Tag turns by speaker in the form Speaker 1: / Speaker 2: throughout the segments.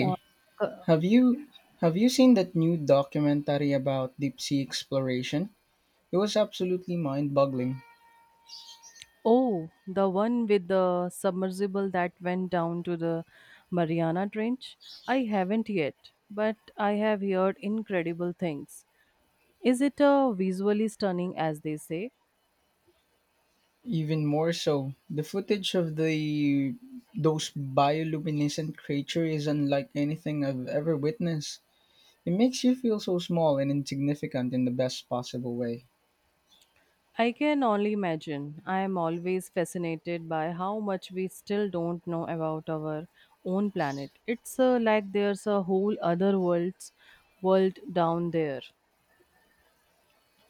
Speaker 1: Uh, c-
Speaker 2: have you have you seen that new documentary about deep sea exploration? It was absolutely mind-boggling.
Speaker 1: oh, the one with the submersible that went down to the Mariana Trench? I haven't yet, but I have heard incredible things. Is it visually stunning as they say?
Speaker 2: Even more so, the footage of the those bioluminescent creature is unlike anything I've ever witnessed. It makes you feel so small and insignificant in the best possible way.
Speaker 1: I can only imagine. I am always fascinated by how much we still don't know about our own planet. It's like there's a whole other world's world down there.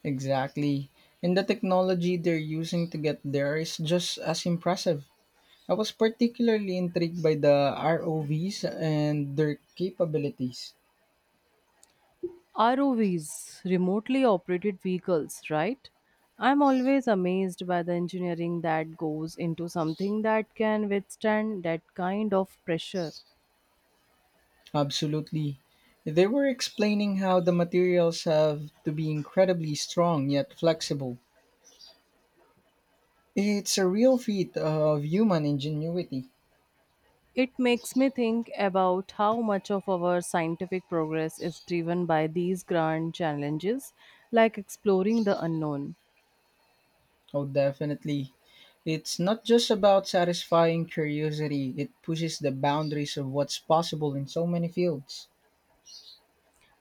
Speaker 2: Exactly. And the technology they're using to get there is just as impressive. I was particularly intrigued by the ROVs and their capabilities.
Speaker 1: ROVs, remotely operated vehicles, right? I'm always amazed by the engineering that goes into something that can withstand that kind of pressure.
Speaker 2: Absolutely. They were explaining how the materials have to be incredibly strong yet flexible. It's a real feat of human ingenuity.
Speaker 1: It makes me think about how much of our scientific progress is driven by these grand challenges, like exploring the unknown.
Speaker 2: Oh, definitely. It's not just about satisfying curiosity, it pushes the boundaries of what's possible in so many fields.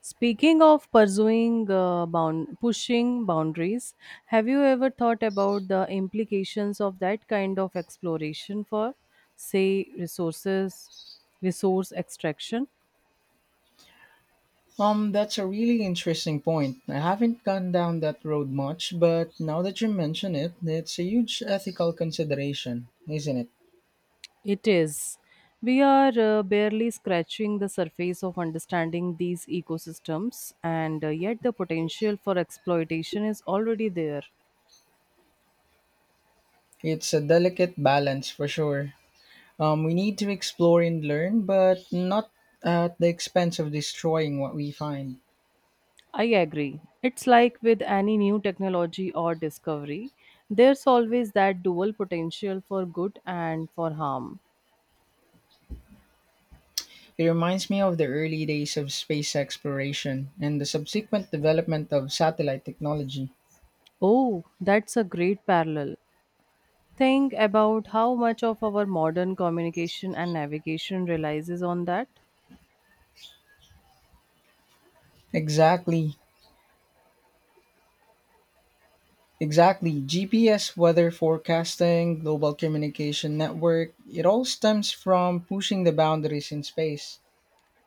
Speaker 1: Speaking of pursuing bound pushing boundaries, have you ever thought about the implications of that kind of exploration for, say, resource extraction?
Speaker 2: That's a really interesting point. I haven't gone down that road much, but now that you mention it, it's a huge ethical consideration, isn't it?
Speaker 1: It is, we are barely scratching the surface of understanding these ecosystems, and yet the potential for exploitation is already there.
Speaker 2: It's a delicate balance for sure. We need to explore and learn, but not at the expense of destroying what we find.
Speaker 1: I agree. It's like with any new technology or discovery, there's always that dual potential for good and for harm.
Speaker 2: It reminds me of the early days of space exploration and the subsequent development of satellite technology.
Speaker 1: Oh, that's a great parallel. Think about how much of our modern communication and navigation relies on that,
Speaker 2: Exactly. Exactly. GPS, weather forecasting, global communication network, it all stems from pushing the boundaries in space.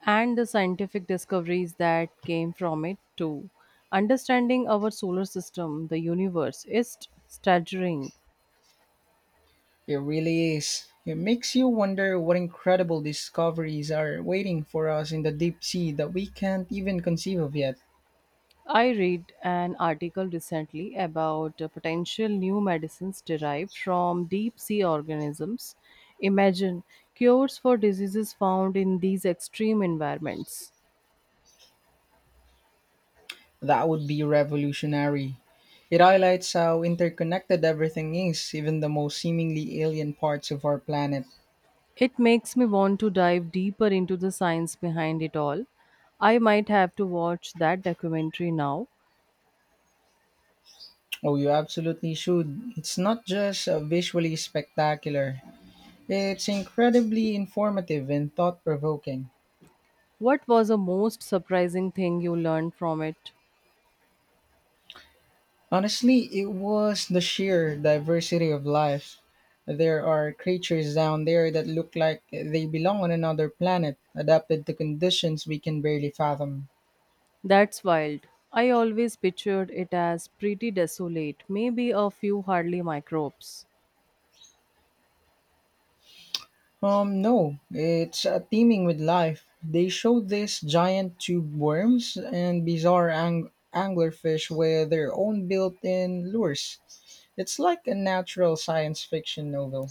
Speaker 1: and the scientific discoveries that came from it, too. Understanding our solar system, the universe, is staggering.
Speaker 2: It really is. It makes you wonder what incredible discoveries are waiting for us in the deep sea that we can't even conceive of yet.
Speaker 1: I read an article recently about potential new medicines derived from deep sea organisms. Imagine cures for diseases found in these extreme environments.
Speaker 2: That would be revolutionary. It highlights how interconnected everything is, even the most seemingly alien parts of our planet.
Speaker 1: It makes me want to dive deeper into the science behind it all. I might have to watch that documentary now.
Speaker 2: Oh, you absolutely should. It's not just visually spectacular. It's incredibly informative and thought provoking.
Speaker 1: What was the most surprising thing you learned from it?
Speaker 2: Honestly, it was the sheer diversity of life. There are creatures down there that look like they belong on another planet, adapted to conditions we can barely fathom.
Speaker 1: That's wild. I always pictured it as pretty desolate, maybe a few hardly microbes.
Speaker 2: No, it's teeming with life. They showed these giant tube worms and bizarre anglerfish with their own built in lures. It's like a natural science fiction novel.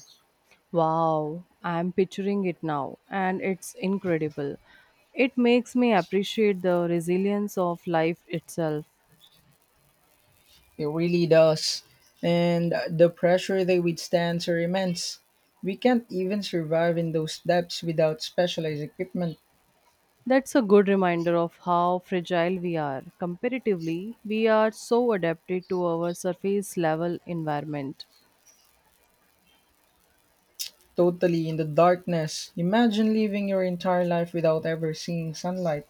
Speaker 1: Wow, I'm picturing it now, and it's incredible. It makes me appreciate the resilience of life itself.
Speaker 2: It really does. And the pressure they withstand are immense. We can't even survive in those depths without specialized equipment,
Speaker 1: That's a good reminder of how fragile we are. Comparatively, we are so adapted to our surface level environment.
Speaker 2: totally in the darkness. Imagine living your entire life without ever seeing sunlight.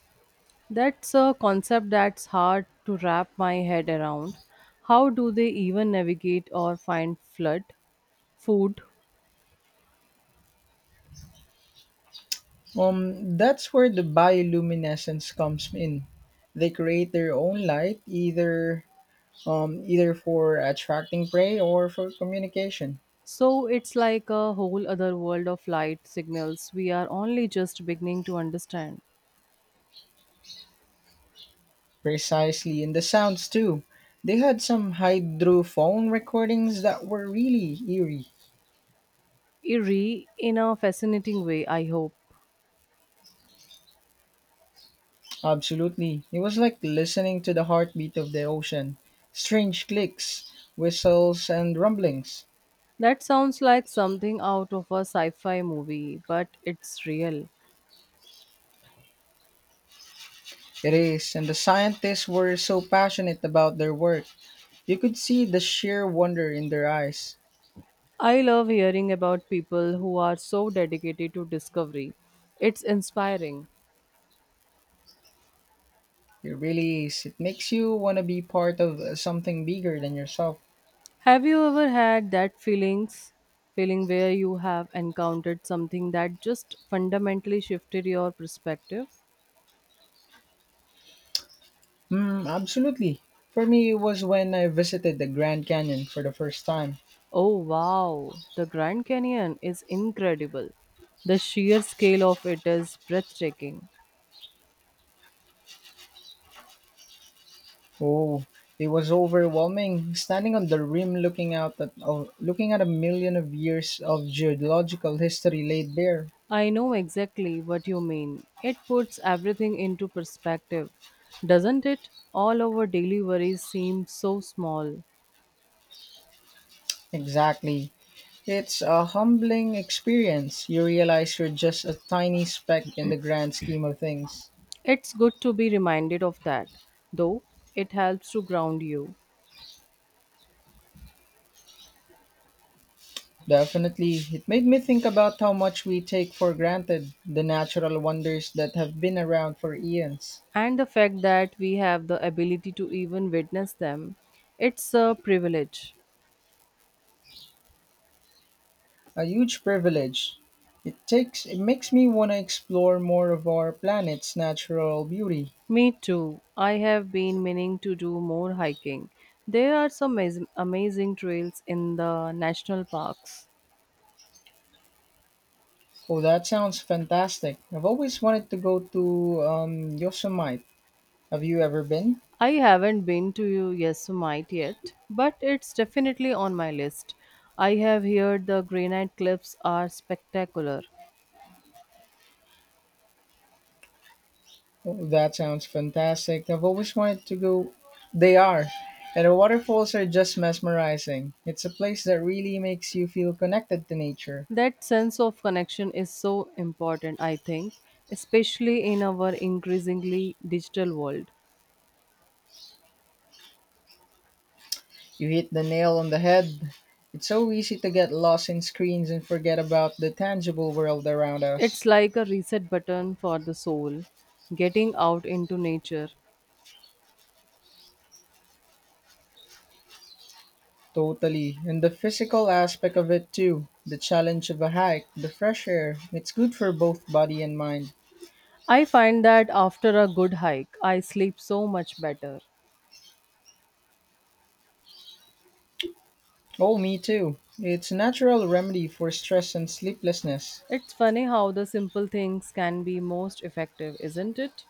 Speaker 1: That's a concept that's hard to wrap my head around. How do they even navigate or food?
Speaker 2: That's where the bioluminescence comes in. They create their own light, either for attracting prey or for communication.
Speaker 1: So it's like a whole other world of light signals we are only just beginning to understand.
Speaker 2: Precisely, and the sounds too. They had some hydrophone recordings that were really eerie.
Speaker 1: Eerie in a fascinating way, I hope.
Speaker 2: Absolutely. It was like listening to the heartbeat of the ocean. Strange clicks, whistles, and rumblings.
Speaker 1: That sounds like something out of a sci fi movie, but it's real.
Speaker 2: It is, and the scientists were so passionate about their work. You could see the sheer wonder in their eyes.
Speaker 1: I love hearing about people who are so dedicated to discovery. It's inspiring.
Speaker 2: It really is. It makes you want to be part of something bigger than yourself.
Speaker 1: Have you ever had that feeling where you have encountered something that just fundamentally shifted your perspective?
Speaker 2: Mm, absolutely. For me, it was when I visited the Grand Canyon for the first time.
Speaker 1: Oh wow, the Grand Canyon is incredible. The sheer scale of it is breathtaking.
Speaker 2: Oh, it was overwhelming. Standing on the rim, looking at a million of years of geological history laid bare.
Speaker 1: I know exactly what you mean. It puts everything into perspective, doesn't it? All our daily worries seem so small.
Speaker 2: Exactly. It's a humbling experience. You realize you're just a tiny speck in the grand scheme of things.
Speaker 1: It's good to be reminded of that, though it helps to ground you.
Speaker 2: Definitely. It made me think about how much we take for granted the natural wonders that have been around for eons.
Speaker 1: And the fact that we have the ability to even witness them, it's a privilege.
Speaker 2: A huge privilege. It makes me want to explore more of our planet's natural beauty.
Speaker 1: Me too. I have been meaning to do more hiking. There are some amazing trails in the national parks.
Speaker 2: Oh, that sounds fantastic. I've always wanted to go to Yosemite. Have you ever been?
Speaker 1: I haven't been to Yosemite yet, but it's definitely on my list. I have heard the granite cliffs are spectacular.
Speaker 2: Oh, that sounds fantastic. I've always wanted to go. They are. And the waterfalls are just mesmerizing. It's a place that really makes you feel connected to nature.
Speaker 1: That sense of connection is so important, I think, especially in our increasingly digital world.
Speaker 2: You hit the nail on the head. It's so easy to get lost in screens and forget about the tangible world around
Speaker 1: It's
Speaker 2: us.
Speaker 1: like a reset button for the soul, getting out into nature.
Speaker 2: Totally. And the physical aspect of it too. The challenge of a hike, the fresh air. It's good for both body and mind.
Speaker 1: I find that after a good hike, I sleep so much better.
Speaker 2: Oh, me too. It's a natural remedy for stress and sleeplessness.
Speaker 1: It's funny how the simple things can be most effective, isn't it?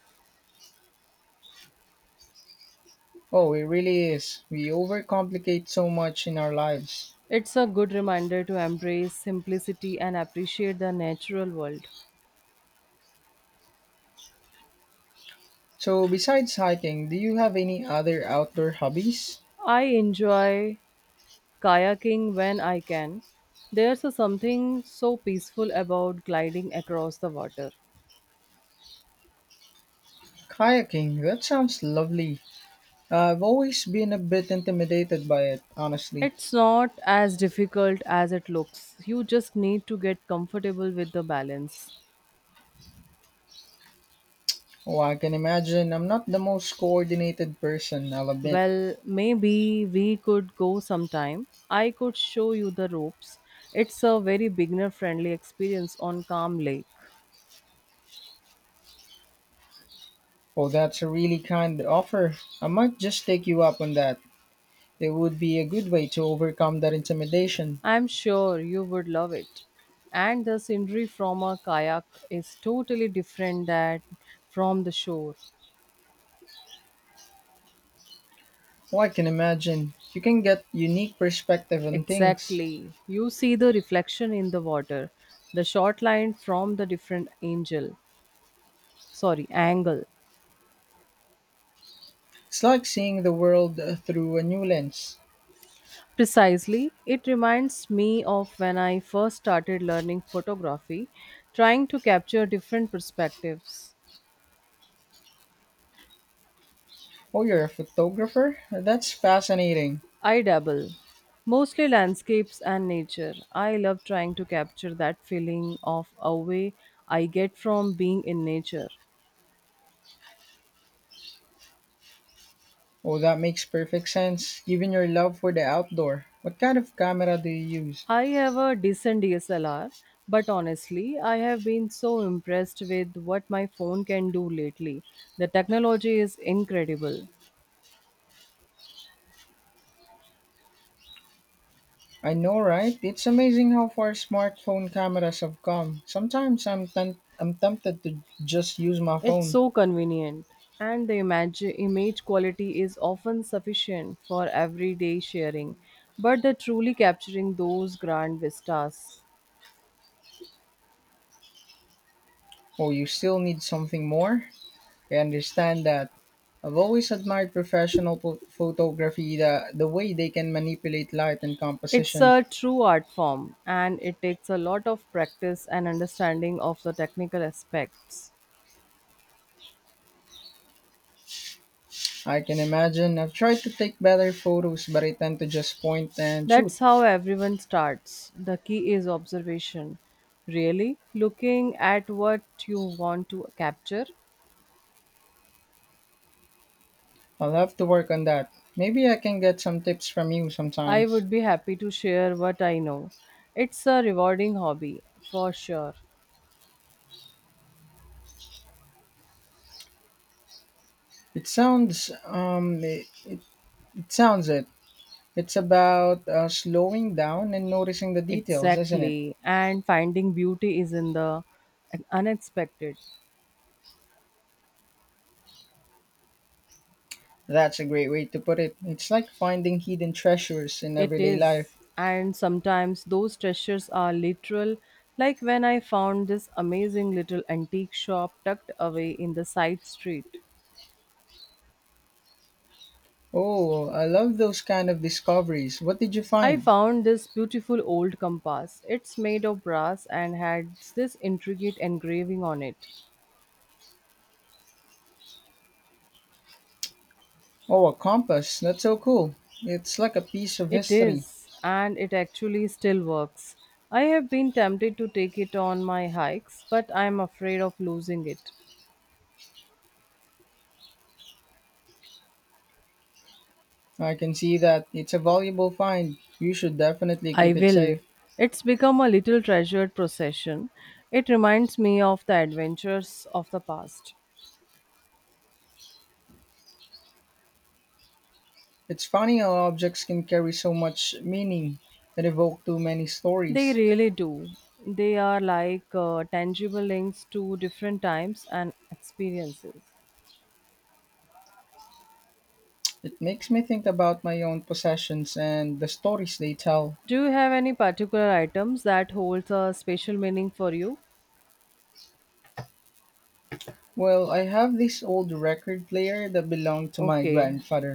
Speaker 2: Oh, it really is. We overcomplicate so much in our lives.
Speaker 1: It's a good reminder to embrace simplicity and appreciate the natural world.
Speaker 2: So, besides hiking, do you have any other outdoor hobbies?
Speaker 1: I enjoy kayaking when I can. There's a something so peaceful about gliding across the water.
Speaker 2: Kayaking, that sounds lovely. I've always been a bit intimidated by it, honestly.
Speaker 1: It's not as difficult as it looks. You just need to get comfortable with the balance.
Speaker 2: Oh, I can imagine I'm not the most coordinated person, I'll admit.
Speaker 1: Well, maybe we could go sometime. I could show you the ropes. It's a very beginner friendly experience on Calm Lake.
Speaker 2: Oh, that's a really kind offer. I might just take you up on that. It would be a good way to overcome that intimidation.
Speaker 1: I'm sure you would love it. And the scenery from a kayak is totally different that from the shore.
Speaker 2: Oh, I can imagine. You can get unique perspective on things.
Speaker 1: Exactly. You see the reflection in the water, the short line from the different angel. Sorry, angle.
Speaker 2: It's like seeing the world through a new lens.
Speaker 1: Precisely, it reminds me of when I first started learning photography, trying to capture different perspectives.
Speaker 2: Oh, you're a photographer? That's fascinating.
Speaker 1: I dabble, mostly landscapes and nature. I love trying to capture that feeling of away I get from being in nature.
Speaker 2: Oh, that makes perfect sense, given your love for the outdoor. What kind of camera do you use?
Speaker 1: I have a decent DSLR, but honestly, I have been so impressed with what my phone can do lately. The technology is incredible.
Speaker 2: I know, right? It's amazing how far smartphone cameras have come. Sometimes I'm tempted to just use my
Speaker 1: It's
Speaker 2: phone.
Speaker 1: so convenient, and the image quality is often sufficient for everyday sharing, but the truly capturing those grand vistas.
Speaker 2: Oh, you still need something more? I understand that. I've always admired professional photography, the way they can manipulate light and
Speaker 1: It's
Speaker 2: composition.
Speaker 1: a true art form, and it takes a lot of practice and understanding of the technical aspects.
Speaker 2: I can imagine. I've tried to take better photos, but I tend to just point and shoot.
Speaker 1: That's how everyone starts. The key is observation. Really looking at what you want to capture.
Speaker 2: I'll have to work on that. Maybe I can get some tips from you
Speaker 1: I
Speaker 2: sometimes.
Speaker 1: would be happy to share what I know. It's a rewarding hobby, for sure.
Speaker 2: It sounds, it, it, it sounds it. It's about slowing down and noticing the details, isn't it?
Speaker 1: Exactly. And finding beauty is in the unexpected.
Speaker 2: That's a great way to put it. It's like finding hidden treasures in
Speaker 1: It
Speaker 2: everyday life.
Speaker 1: is. And sometimes those treasures are literal, like when I found this amazing little antique shop tucked away in the side street.
Speaker 2: Oh, I love those kind of discoveries. What did you
Speaker 1: I
Speaker 2: find?
Speaker 1: found this beautiful old compass. It's made of brass and had this intricate engraving on it.
Speaker 2: Oh, a compass. That's so cool. It's like a piece of
Speaker 1: It
Speaker 2: history.
Speaker 1: is, and it actually still works. I have been tempted to take it on my hikes, but I am afraid of losing it.
Speaker 2: I can see that. It's a valuable find. You should definitely
Speaker 1: I
Speaker 2: keep it
Speaker 1: will.
Speaker 2: safe.
Speaker 1: It's become a little treasured possession. It reminds me of the adventures of the past.
Speaker 2: It's funny how objects can carry so much meaning and evoke too many
Speaker 1: They
Speaker 2: stories.
Speaker 1: really do. They are like tangible links to different times and experiences.
Speaker 2: It makes me think about my own possessions and the stories they tell.
Speaker 1: Do you have any particular items that holds a special meaning for you?
Speaker 2: Well, I have this old record player that belonged to my
Speaker 1: Okay,
Speaker 2: grandfather.